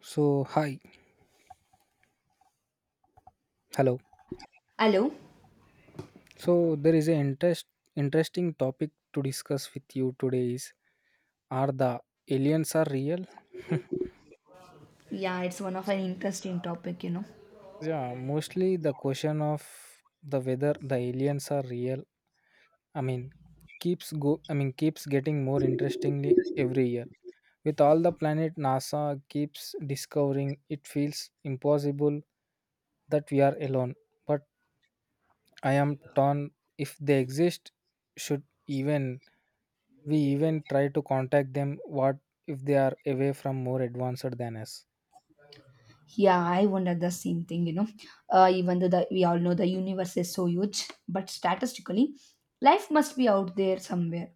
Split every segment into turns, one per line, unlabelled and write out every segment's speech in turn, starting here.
So, hi, hello.
Hello.
So, there is an interesting topic to discuss with you today is are the aliens are real?
Yeah, it's one of an interesting topic, you know.
Yeah, mostly the question of the whether the aliens are real. I mean, keeps go I mean keeps getting more interestingly every year. With all the planet NASA keeps discovering, it feels impossible that we are alone. But I am torn. If they exist, should even we even try to contact them? What if they are away from more advanced than us?
Yeah, I wondered the same thing, you know. Even though we all know the universe is so huge, but statistically, life must be out there somewhere.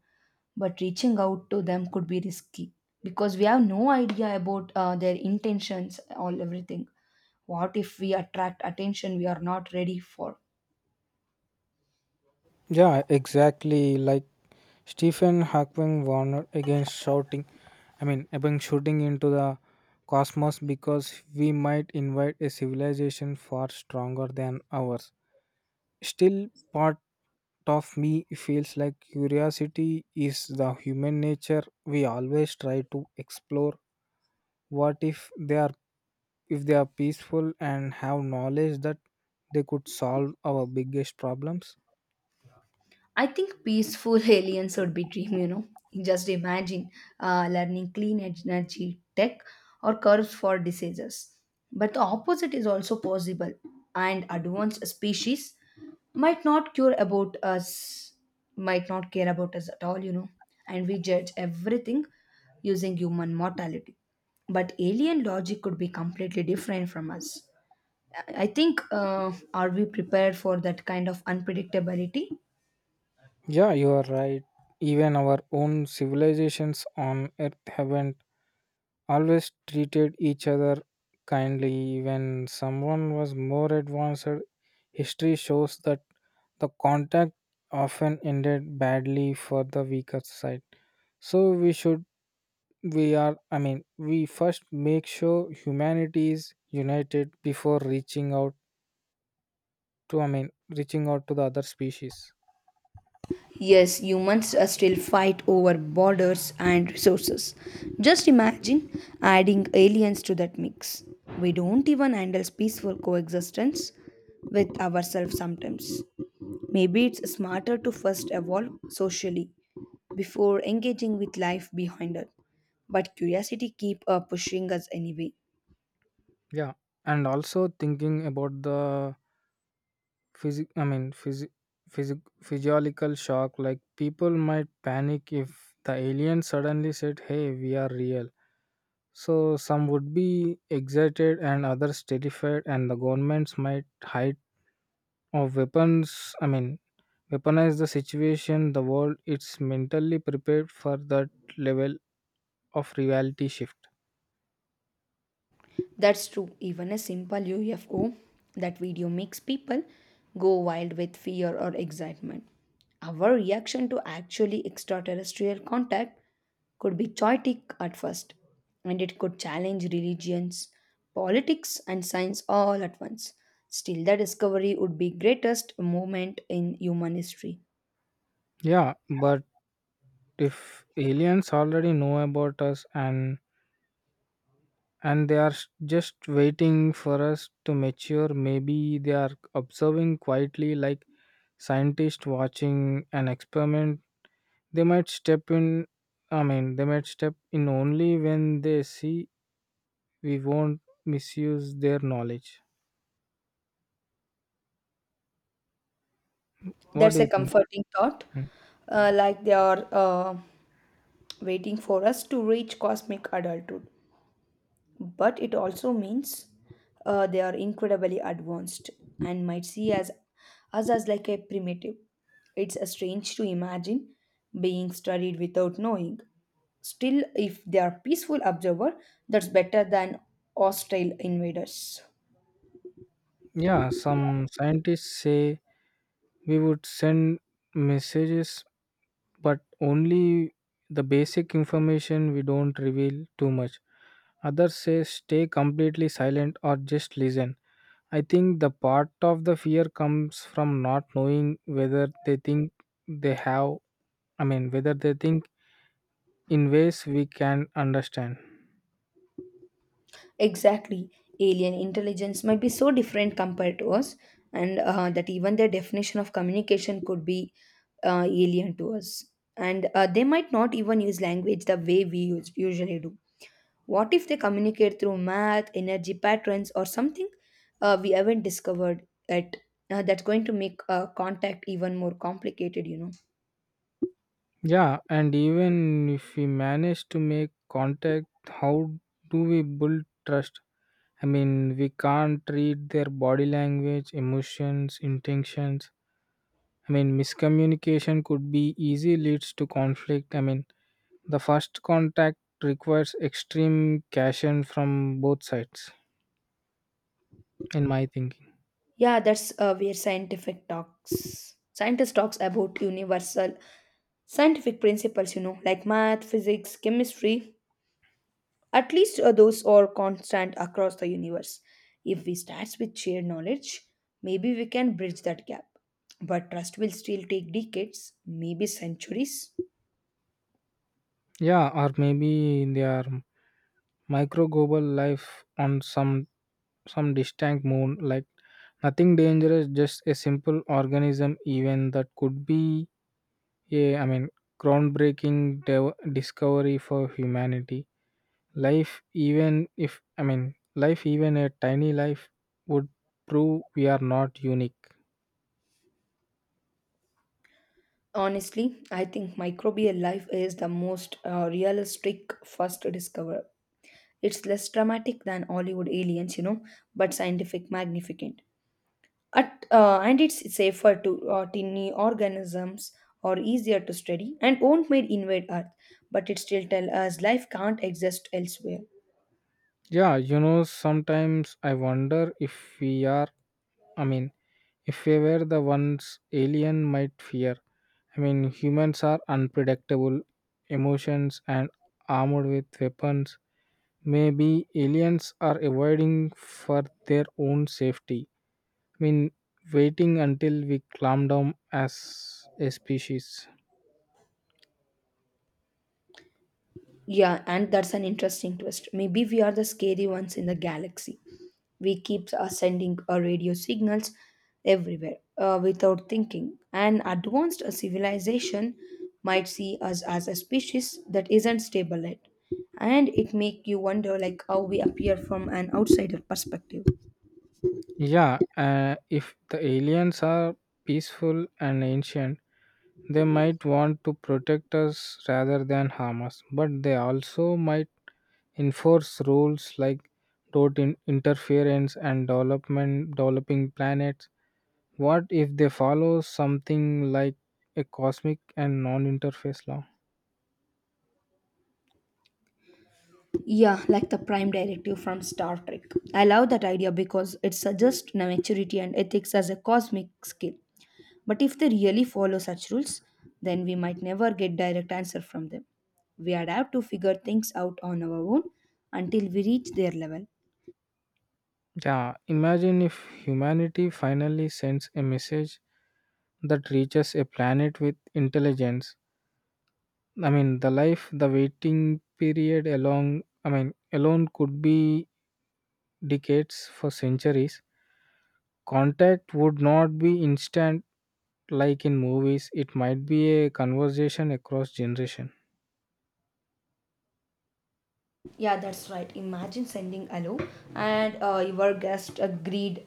But reaching out to them could be risky because we have no idea about their intentions, all everything. What if we attract attention we are not ready for?
Yeah, exactly. Like Stephen Hawking warned against shouting, I mean, about shooting into the cosmos, because we might invite a civilization far stronger than ours. Still, part of me feels like curiosity is the human nature. We always try to explore what if they are peaceful and have knowledge that they could solve our biggest problems.
I think peaceful aliens would be dream, you know. Just imagine learning clean energy tech or curves for diseases. But the opposite is also possible, and advanced species might not care about us, might not care about us at all, you know. And we judge everything using human mortality. But alien logic could be completely different from us. I think, are we prepared for that kind of unpredictability?
Yeah, you are right. Even our own civilizations on earth haven't always treated each other kindly when someone was more advanced. History shows that the contact often ended badly for the weaker side. So we should we are I mean we first make sure humanity is united before reaching out. To I mean, reaching out to the other species.
Yes, humans still fight over borders and resources. Just imagine adding aliens to that mix. We don't even handle peaceful coexistence with ourselves sometimes. Maybe it's smarter to first evolve socially before engaging with life behind us. But curiosity keeps pushing us anyway.
Yeah, and also thinking about the physic. I mean, physi, physic, physiological shock. Like people might panic if the alien suddenly said, "Hey, we are real." So some would be excited, and others terrified, and the governments might hide or weapons. I mean, weaponize the situation. The world it's mentally prepared for that level of reality shift.
That's true. Even a simple UFO, that video makes people go wild with fear or excitement. Our reaction to actually extraterrestrial contact could be chaotic at first, and it could challenge religions, politics, and science all at once. Still, the discovery would be greatest moment in human history.
Yeah, but if aliens already know about us, and they are just waiting for us to mature. Maybe they are observing quietly like scientists watching an experiment. They might step in, I mean, they might step in only when they see we won't misuse their knowledge. What do
That's
you
a
think?
comforting thought.
Mm.
Like they are waiting for us to reach cosmic adulthood. But it also means they are incredibly advanced and might see as us as like a primitive. It's a strange to imagine being studied without knowing. Still, if they are peaceful observer, that's better than hostile invaders.
Yeah, some scientists say we would send messages, but only the basic information. We don't reveal too much. Others say stay completely silent or just listen. I think the part of the fear comes from not knowing whether they think they have, I mean, whether they think in ways we can understand.
Exactly. Alien intelligence might be so different compared to us, and that even their definition of communication could be alien to us. And they might not even use language the way we usually do. What if they communicate through math, energy patterns, or something we haven't discovered yet? That's going to make contact even more complicated, you know.
Yeah, and even if we manage to make contact, how do we build trust? I mean, we can't read their body language, emotions, intentions. I mean, miscommunication could be easy leads to conflict. I mean, the first contact requires extreme caution from both sides, in my thinking.
Yeah, that's where scientific talks. Scientists talks about universal scientific principles, you know, like math, physics, chemistry, at least those are constant across the universe. If we start with shared knowledge, maybe we can bridge that gap. But trust will still take decades, maybe centuries.
Yeah, or maybe they are micro global life on some distant moon, like nothing dangerous, just a simple organism. Even that could be I mean, groundbreaking discovery for humanity. Life, even if I mean life even a tiny life, would prove we are not unique.
Honestly, I think microbial life is the most realistic first discovery. It's less dramatic than Hollywood aliens, you know, but scientific magnificent. And it's safer to tiny organisms or easier to study and won't may invade earth, but it still tell us life can't exist elsewhere.
Yeah, sometimes I wonder if we are I mean if we were the ones alien might fear. I mean, humans are unpredictable emotions and armed with weapons. Maybe aliens are avoiding for their own safety. I mean, waiting until we calm down as a species.
Yeah, and that's an interesting twist. Maybe we are the scary ones in the galaxy. We keep sending our radio signals everywhere without thinking an advanced civilization might see us as a species that isn't stable yet, and it make you wonder like how we appear from an outsider perspective.
Yeah, if the aliens are peaceful and ancient, they might want to protect us rather than harm us, but they also might enforce rules like dot interference and development developing planets. What if they follow something like a cosmic and non-interface law?
Yeah, like the prime directive from Star Trek. I love that idea because it suggests maturity and ethics as a cosmic skill. But if they really follow such rules, then we might never get direct answer from them. We would have to figure things out on our own until we reach their level.
Yeah, imagine if humanity finally sends a message that reaches a planet with intelligence. The waiting period alone could be decades for centuries. Contact would not be instant like in movies. It might be a conversation across generation.
Yeah, that's right. Imagine sending hello and your guest agreed.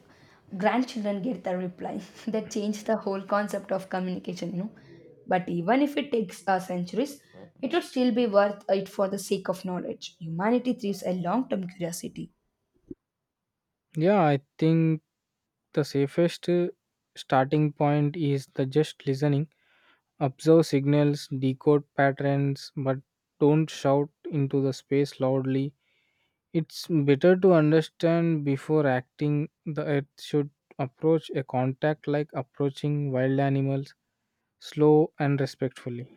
Grandchildren get the reply. That changed the whole concept of communication, you know. But even if it takes centuries, it would still be worth it for the sake of knowledge. Humanity thrives a long term curiosity.
Yeah, I think the safest starting point is the just listening, observe signals, decode patterns, but don't shout into the space loudly. It's better to understand before acting. The earth should approach a contact like approaching wild animals, slow and respectfully.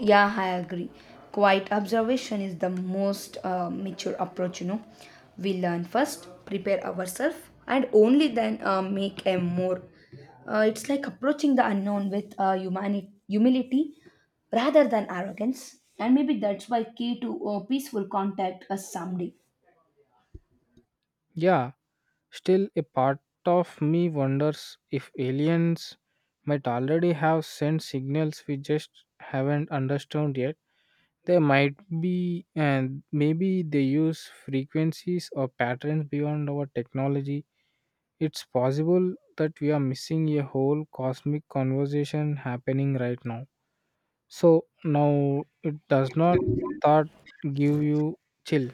Yeah, I agree. Quiet observation is the most mature approach, you know. We learn first, prepare ourselves, and only then make a more. It's like approaching the unknown with humility rather than arrogance. And maybe that's why key to peaceful contact us someday.
Yeah, still a part of me wonders if aliens might already have sent signals we just haven't understood yet. They might be, and maybe they use frequencies or patterns beyond our technology. It's possible that we are missing a whole cosmic conversation happening right now. So now, it does not thought give you chill.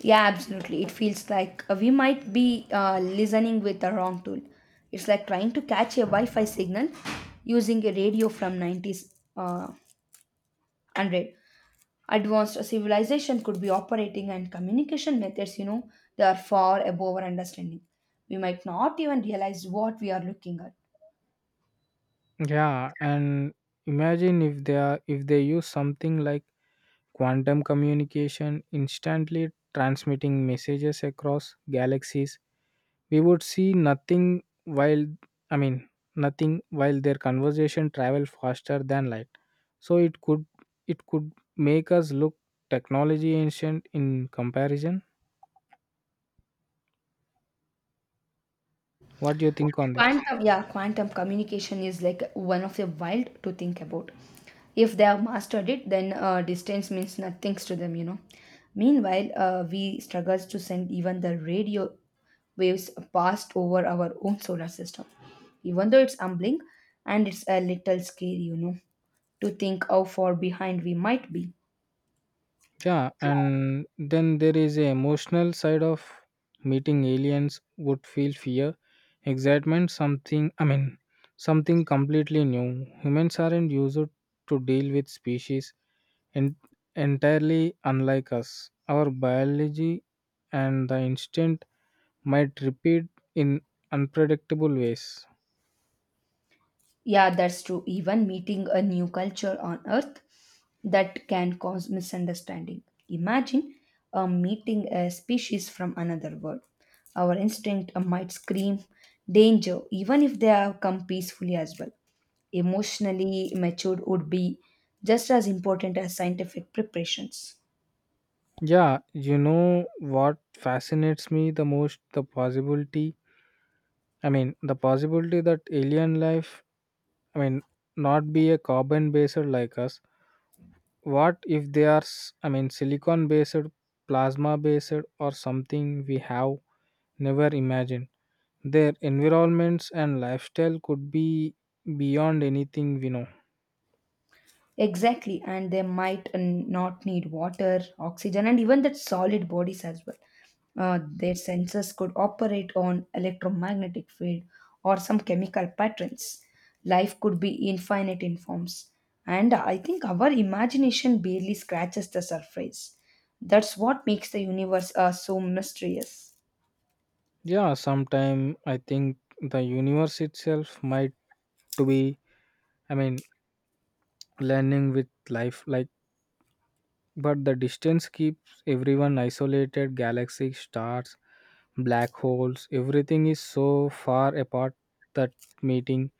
Yeah, absolutely. It feels like we might be listening with the wrong tool. It's like trying to catch a Wi Fi signal using a radio from 90's. 100 advanced civilization could be operating and communication methods, you know, they are far above our understanding. We might not even realize what we are looking at.
Yeah, and imagine if they are if they use something like quantum communication, instantly transmitting messages across galaxies. We would see nothing while, I mean, nothing while their conversation travel faster than light. So it could make us look technology ancient in comparison. What do you think on this?
Quantum, yeah, quantum communication is like one of the wild to think about. If they have mastered it, then distance means nothing to them, you know. Meanwhile, we struggle to send even the radio waves past over our own solar system. Even though it's humbling, and it's a little scary, you know, to think how far behind we might be.
Yeah, and then there is a emotional side of meeting aliens would feel fear, excitement, something I mean something completely new. Humans aren't used to deal with species en- entirely unlike us. Our biology and the instinct might repeat in unpredictable ways.
Yeah, that's true. Even meeting a new culture on Earth, that can cause misunderstanding. Imagine a meeting a species from another world. Our instinct might scream danger, even if they have come peacefully as well. Emotionally matured would be just as important as scientific preparations.
Yeah, you know what fascinates me the most? The possibility, I mean, the possibility that alien life, I mean, not be a carbon based like us. What if they are, I mean, silicon based, plasma based, or something we have never imagined? Their environments and lifestyle could be beyond anything we know.
Exactly, and they might not need water, oxygen, and even that solid bodies as well. Their sensors could operate on electromagnetic field or some chemical patterns. Life could be infinite in forms, and I think our imagination barely scratches the surface. That's what makes the universe so mysterious.
Yeah, sometime I think the universe itself might to be I mean learning with life like, but the distance keeps everyone isolated: galaxies, stars, black holes, everything is so far apart that meeting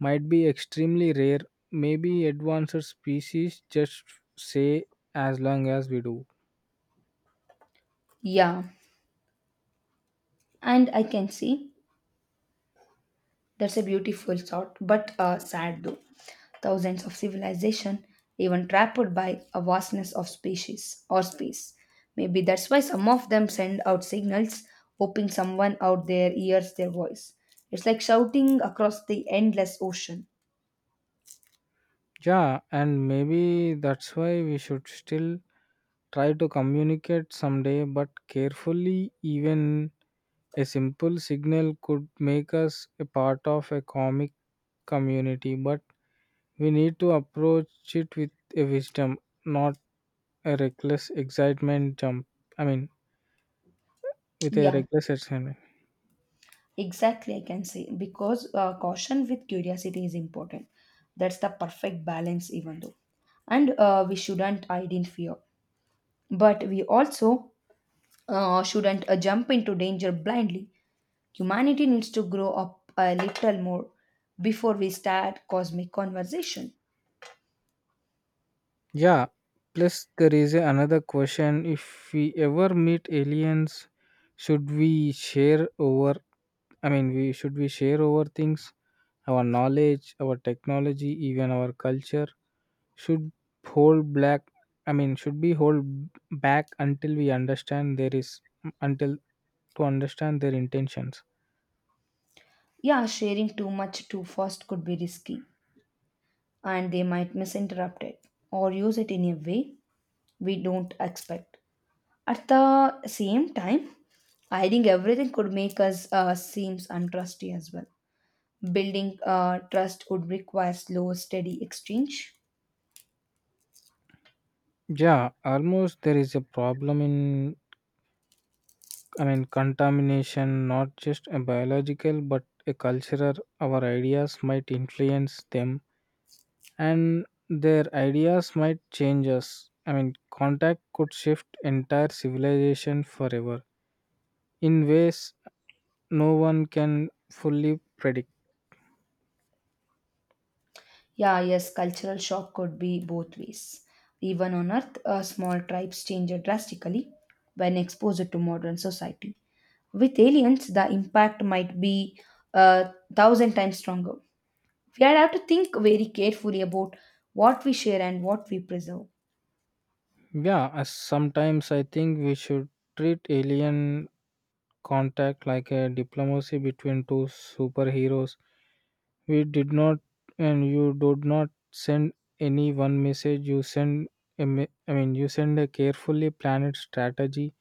might be extremely rare. Maybe advanced species just say as long as we do.
Yeah, and I can see. That's a beautiful thought, but sad though. Thousands of civilization, even trapped by a vastness of species or space. Maybe that's why some of them send out signals, hoping someone out there hears their voice. It's like shouting across the endless ocean.
Yeah, and maybe that's why we should still try to communicate someday, but carefully. Even a simple signal could make us a part of a comic community. But we need to approach it with a wisdom, not a reckless excitement jump. I mean, with a
Yeah,
reckless excitement.
exactly. I can say because caution with curiosity is important. That's the perfect balance, even though, and we shouldn't hide in fear, but we also shouldn't jump into danger blindly. Humanity needs to grow up a little more before we start cosmic conversation.
Yeah, plus there is another question. If we ever meet aliens, should we share over, I mean, we share over things, our knowledge, our technology, even our culture, should hold black. I mean, should be hold back until we understand there is until to understand their intentions.
Yeah, sharing too much too fast could be risky, and they might misinterpret it or use it in a way we don't expect. At the same time, hiding everything could make us seems untrusty as well. Building trust would require slow, steady exchange.
Yeah, almost there is a problem in I mean contamination, not just a biological but a cultural. Our ideas might influence them and their ideas might change us. I mean, contact could shift entire civilization forever in ways no one can fully predict.
Yeah, yes, cultural shock could be both ways. Even on Earth, small tribes change drastically when exposed to modern society. With aliens, the impact might be a thousand times stronger. We have to think very carefully about what we share and what we preserve.
Yeah, sometimes I think we should treat alien contact like a diplomacy between two superheroes. We did not, and you did not send any one message. You send, I mean, you send a carefully planned strategy.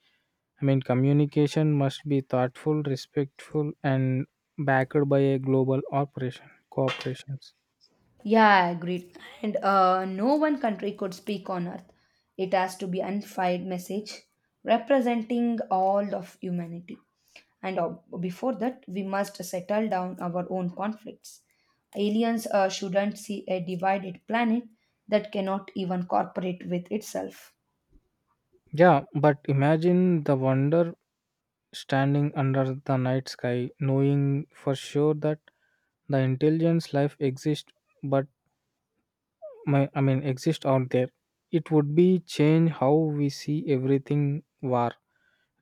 I mean, communication must be thoughtful, respectful, and backed by a global operation cooperations.
Yeah, agreed. And no one country could speak on Earth. It has to be unified message representing all of humanity. And before that, we must settle down our own conflicts. Aliens shouldn't see a divided planet that cannot even cooperate with itself.
Yeah, but imagine the wonder standing under the night sky, knowing for sure that the intelligence life exists, but I mean, exist out there. It would be change how we see everything: war,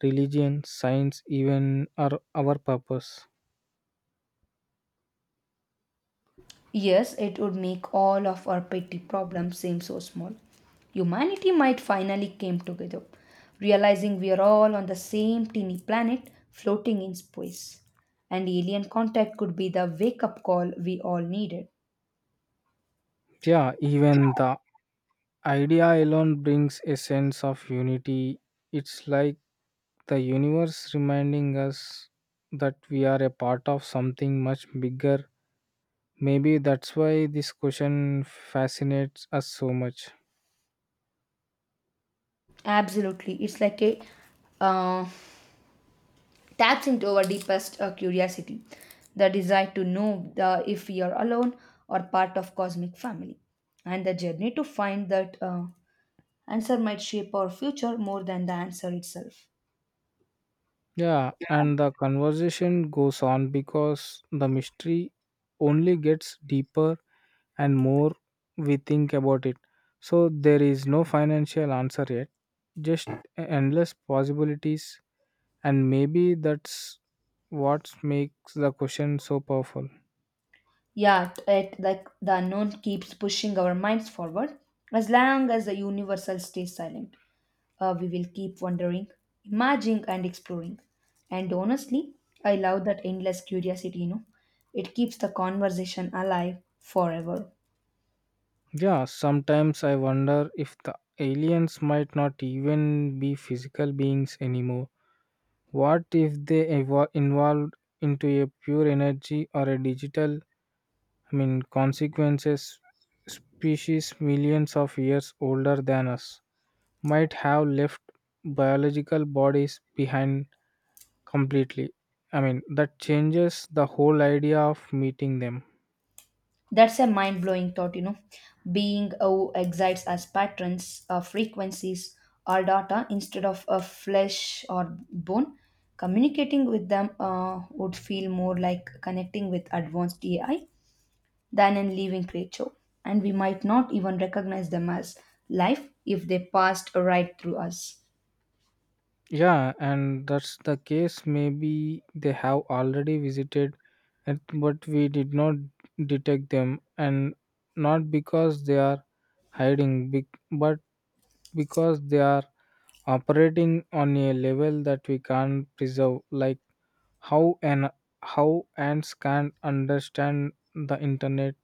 religion, science, even our purpose.
Yes, it would make all of our petty problems seem so small. Humanity might finally came together, realizing we are all on the same teeny planet floating in space. And alien contact could be the wake up call we all needed.
Yeah, even the idea alone brings a sense of unity. It's like the universe reminding us that we are a part of something much bigger. Maybe that's why this question fascinates us so much.
Absolutely. It's like a uh, taps into our deepest curiosity, the desire to know if we are alone or part of cosmic family. And the journey to find that answer might shape our future more than the answer itself.
Yeah, and the conversation goes on, because the mystery only gets deeper and more we think about it. So there is no financial answer yet, just endless possibilities, and maybe that's what makes the question so powerful.
Yeah, it, like the unknown keeps pushing our minds forward. As long as the universal stays silent, we will keep wondering, imagining, and exploring. And honestly, I love that endless curiosity, you know. It keeps the conversation alive forever.
Yeah, sometimes I wonder if the aliens might not even be physical beings anymore. What if they involved into a pure energy or a digital, I mean, consequences species millions of years older than us might have left biological bodies behind completely. I mean, that changes the whole idea of meeting them.
That's a mind blowing thought, you know. Being O excites as patterns, frequencies, or data instead of a flesh or bone. Communicating with them would feel more like connecting with advanced AI than a living creature, and we might not even recognize them as life if they passed right through us.
Yeah, and that's the case. Maybe they have already visited it, but we did not detect them, and not because they are hiding, but because they are operating on a level that we can't preserve, like how and how ants can't understand the internet.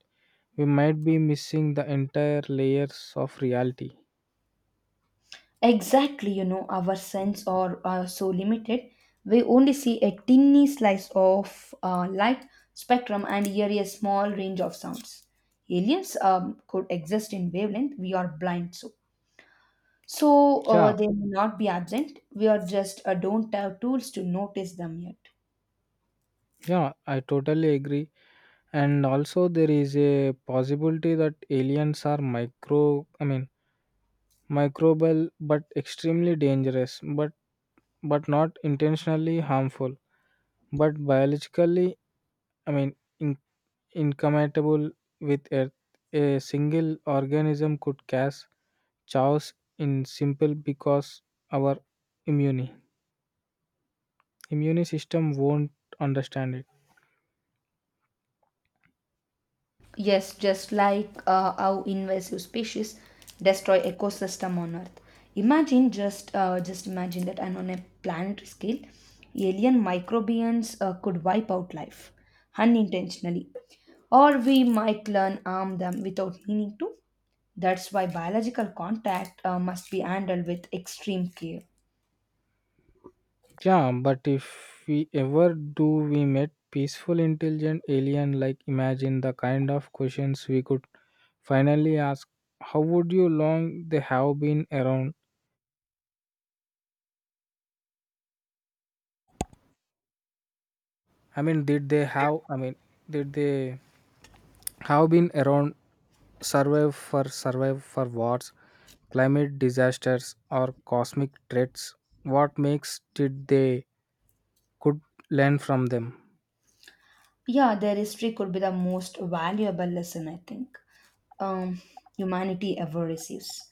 We might be missing the entire layers of reality.
Exactly, you know, our sense are so limited. We only see a tiny slice of light spectrum and hear a small range of sounds. Aliens could exist in wavelength we are blind to. So
Yeah,
they may not be absent. We are just don't have tools to notice them yet.
yeah, I totally agree. And also there is a possibility that aliens are micro I mean microbial but extremely dangerous, but not intentionally harmful, but biologically, I mean, incompatible with earth. A single organism could cause chaos in simple, because our immune immune system won't understand it.
Yes, just like how invasive species destroy ecosystem on Earth. Imagine just imagine that, and on a planetary scale, alien microbians could wipe out life unintentionally, or we might learn harm them without meaning to. That's why biological contact must be handled with extreme care.
Yeah, but if we ever do, we met peaceful, intelligent alien. Like, imagine the kind of questions we could finally ask. How would you long they have been around? I mean, did they have? I mean, did they have been around? Survive for wars, climate disasters, or cosmic threats. What makes did they could learn from them?
Yeah, their history could be the most valuable lesson I think um, humanity ever receives.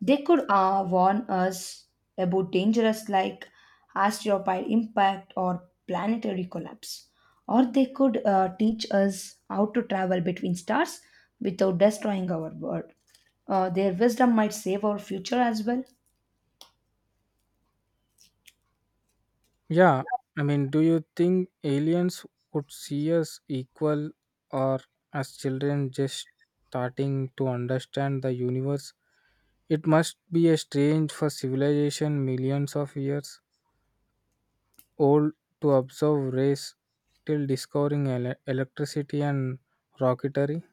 They could warn us about dangers like asteroid impact or planetary collapse. Or they could teach us how to travel between stars without destroying our world. Their wisdom might save our future as well.
Yeah, I mean, do you think aliens could see us equal or as children just starting to understand the universe? It must be a strange for civilization millions of years old to observe race till discovering electricity and rocketry.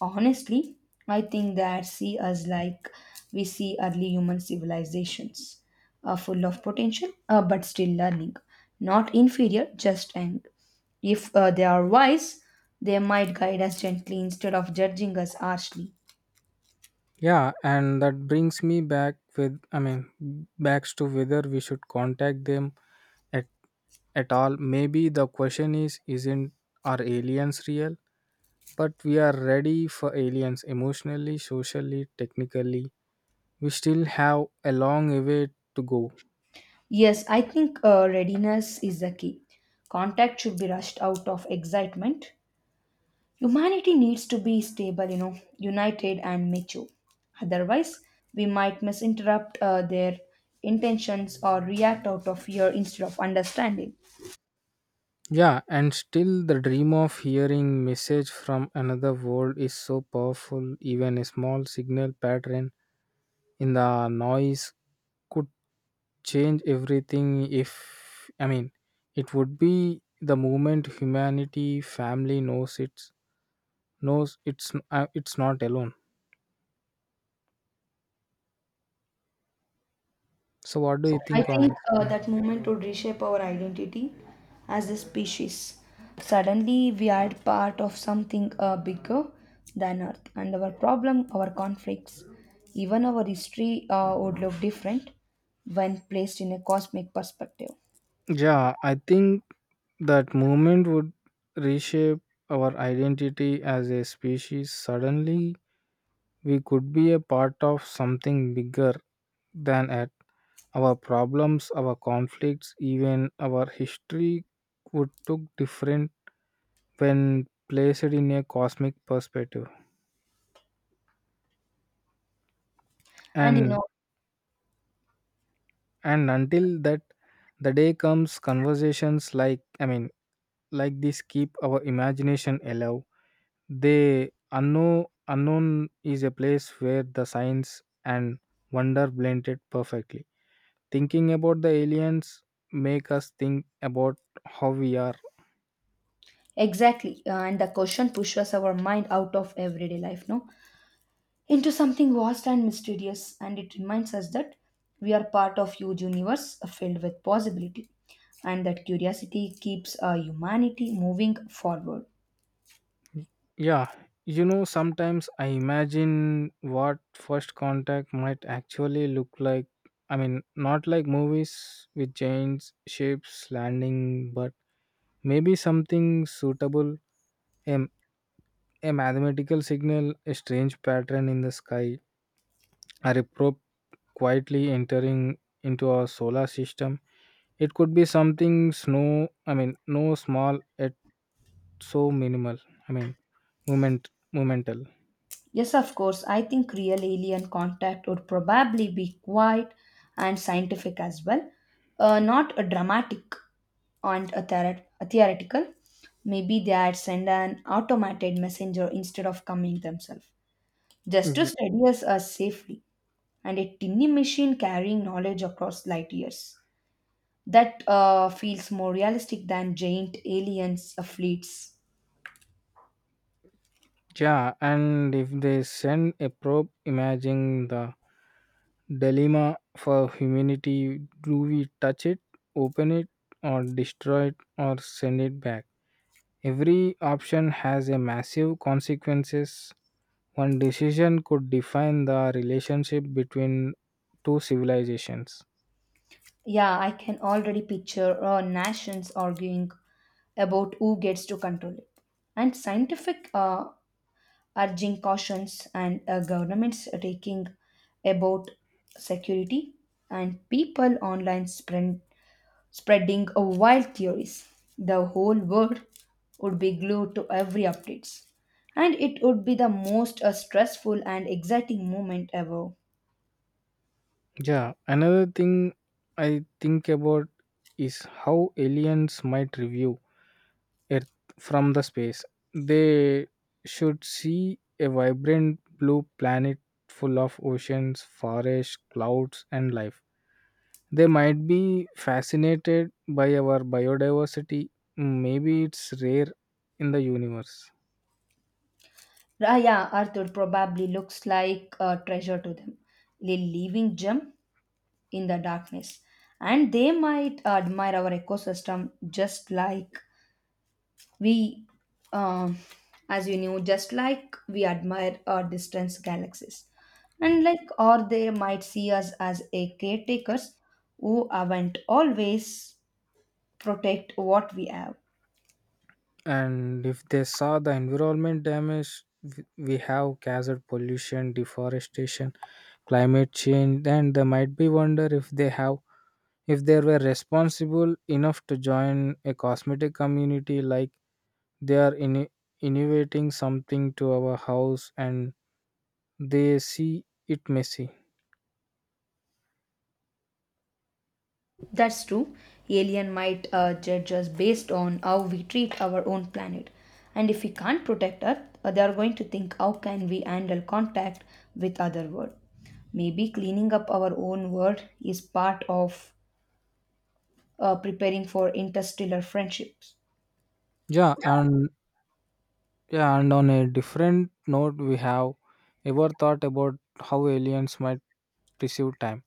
Honestly, I think that see us like we see early human civilizations, full of potential but still learning, not inferior, just young. If they are wise, they might guide us gently instead of judging us harshly.
Yeah, and that brings me back with I mean backs to whether we should contact them at, at all. Maybe the question is isn't are aliens real? But we are ready for aliens emotionally, socially, technically. We still have a long way to go.
Yes, I think readiness is the key. Contact should be rushed out of excitement. Humanity needs to be stable, you know, united and mature. Otherwise, we might misinterpret their intentions or react out of fear instead of understanding.
Yeah, and still the dream of hearing message from another world is so powerful. Even a small signal pattern in the noise could change everything. If, I mean, it would be the moment humanity family knows it's not alone. So what do you
I
think on
think
this? Yeah.
that movement would reshape our identity as a species. Suddenly, we are part of something bigger than Earth, and our problem, our conflicts, even our history would look different when placed in a cosmic perspective.
Yeah, I think that movement would reshape our identity as a species. Suddenly, we could be a part of something bigger than at our problems, our conflicts, even our history would look different when placed in a cosmic perspective.
And you
And
know,
and until that the day comes, conversations I mean, like this keep our imagination alive. The unknown is a place where the science and wonder blended perfectly. Thinking about the aliens make us think about how we are.
exactly. And the question pushes our mind out of everyday life, no? Into something vast and mysterious, and it reminds us that we are part of huge universe filled with possibility, and that curiosity keeps humanity moving forward.
Yeah, sometimes I imagine what first contact might actually look like. I mean, not like movies with giant ships landing, but maybe something suitable. A, a mathematical signal, a strange pattern in the sky, or a probe quietly entering into our solar system. It could be something no small yet so minimal. I mean, momental.
Yes, of course. I think real alien contact would probably be quiet and scientific as well, not a dramatic a theoretical. Maybe they had sent an automated messenger instead of coming themselves, just to
Yeah.
study us safely, and a tiny machine carrying knowledge across light years. That feels more realistic than giant aliens fleets.
Yeah, and if they send a probe imaging the dilemma for humanity, do we touch it, open it, or destroy it, or send it back? Every option has a massive consequences. One decision could define the relationship between two civilizations.
Yeah, I can already picture nations arguing about who gets to control it, and scientific urging cautions, and governments taking about security, and people online spreading wild theories. The whole world would be glued to every updates, and it would be the most stressful and exciting moment ever.
Yeah, another thing I think about is how aliens might review Earth from the space. They should see a vibrant blue planet full of oceans, forests, clouds, and life. They might be fascinated by our biodiversity. Maybe it's rare in the universe.
Ah, yeah, Arthur probably looks like a treasure to them, a living gem in the darkness. And they might admire our ecosystem just like we, um, as you knew, just like we admire our distant galaxies. And like, or they might see us as a caretakers who haven't always protect what we have.
And if they saw the environment damage, we have caused pollution, deforestation, climate change, then they might be wonder if they have if they were responsible enough to join a cosmetic community, like they are innovating something to our house and they see it messy.
That's true. Alien might judge us based on how we treat our own planet. And if we can't protect Earth, they are going to think how can we handle contact with other world. Maybe cleaning up our own world is part of preparing for interstellar friendships.
yeah and yeah, and on a different note, we have ever thought about how aliens might perceive time?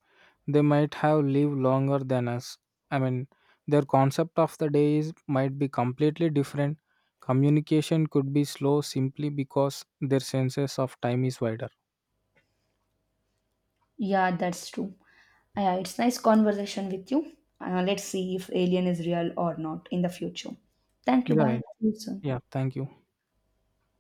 They might have lived longer than us. I mean, their concept of the day is might be completely different. Communication could be slow simply because their senses of time is wider.
Yeah, that's true. Yeah, it's nice conversation with you. Let's see if alien is real or not in the future. Thank you. Bye.
Yeah,
See you soon.
yeah. Thank you.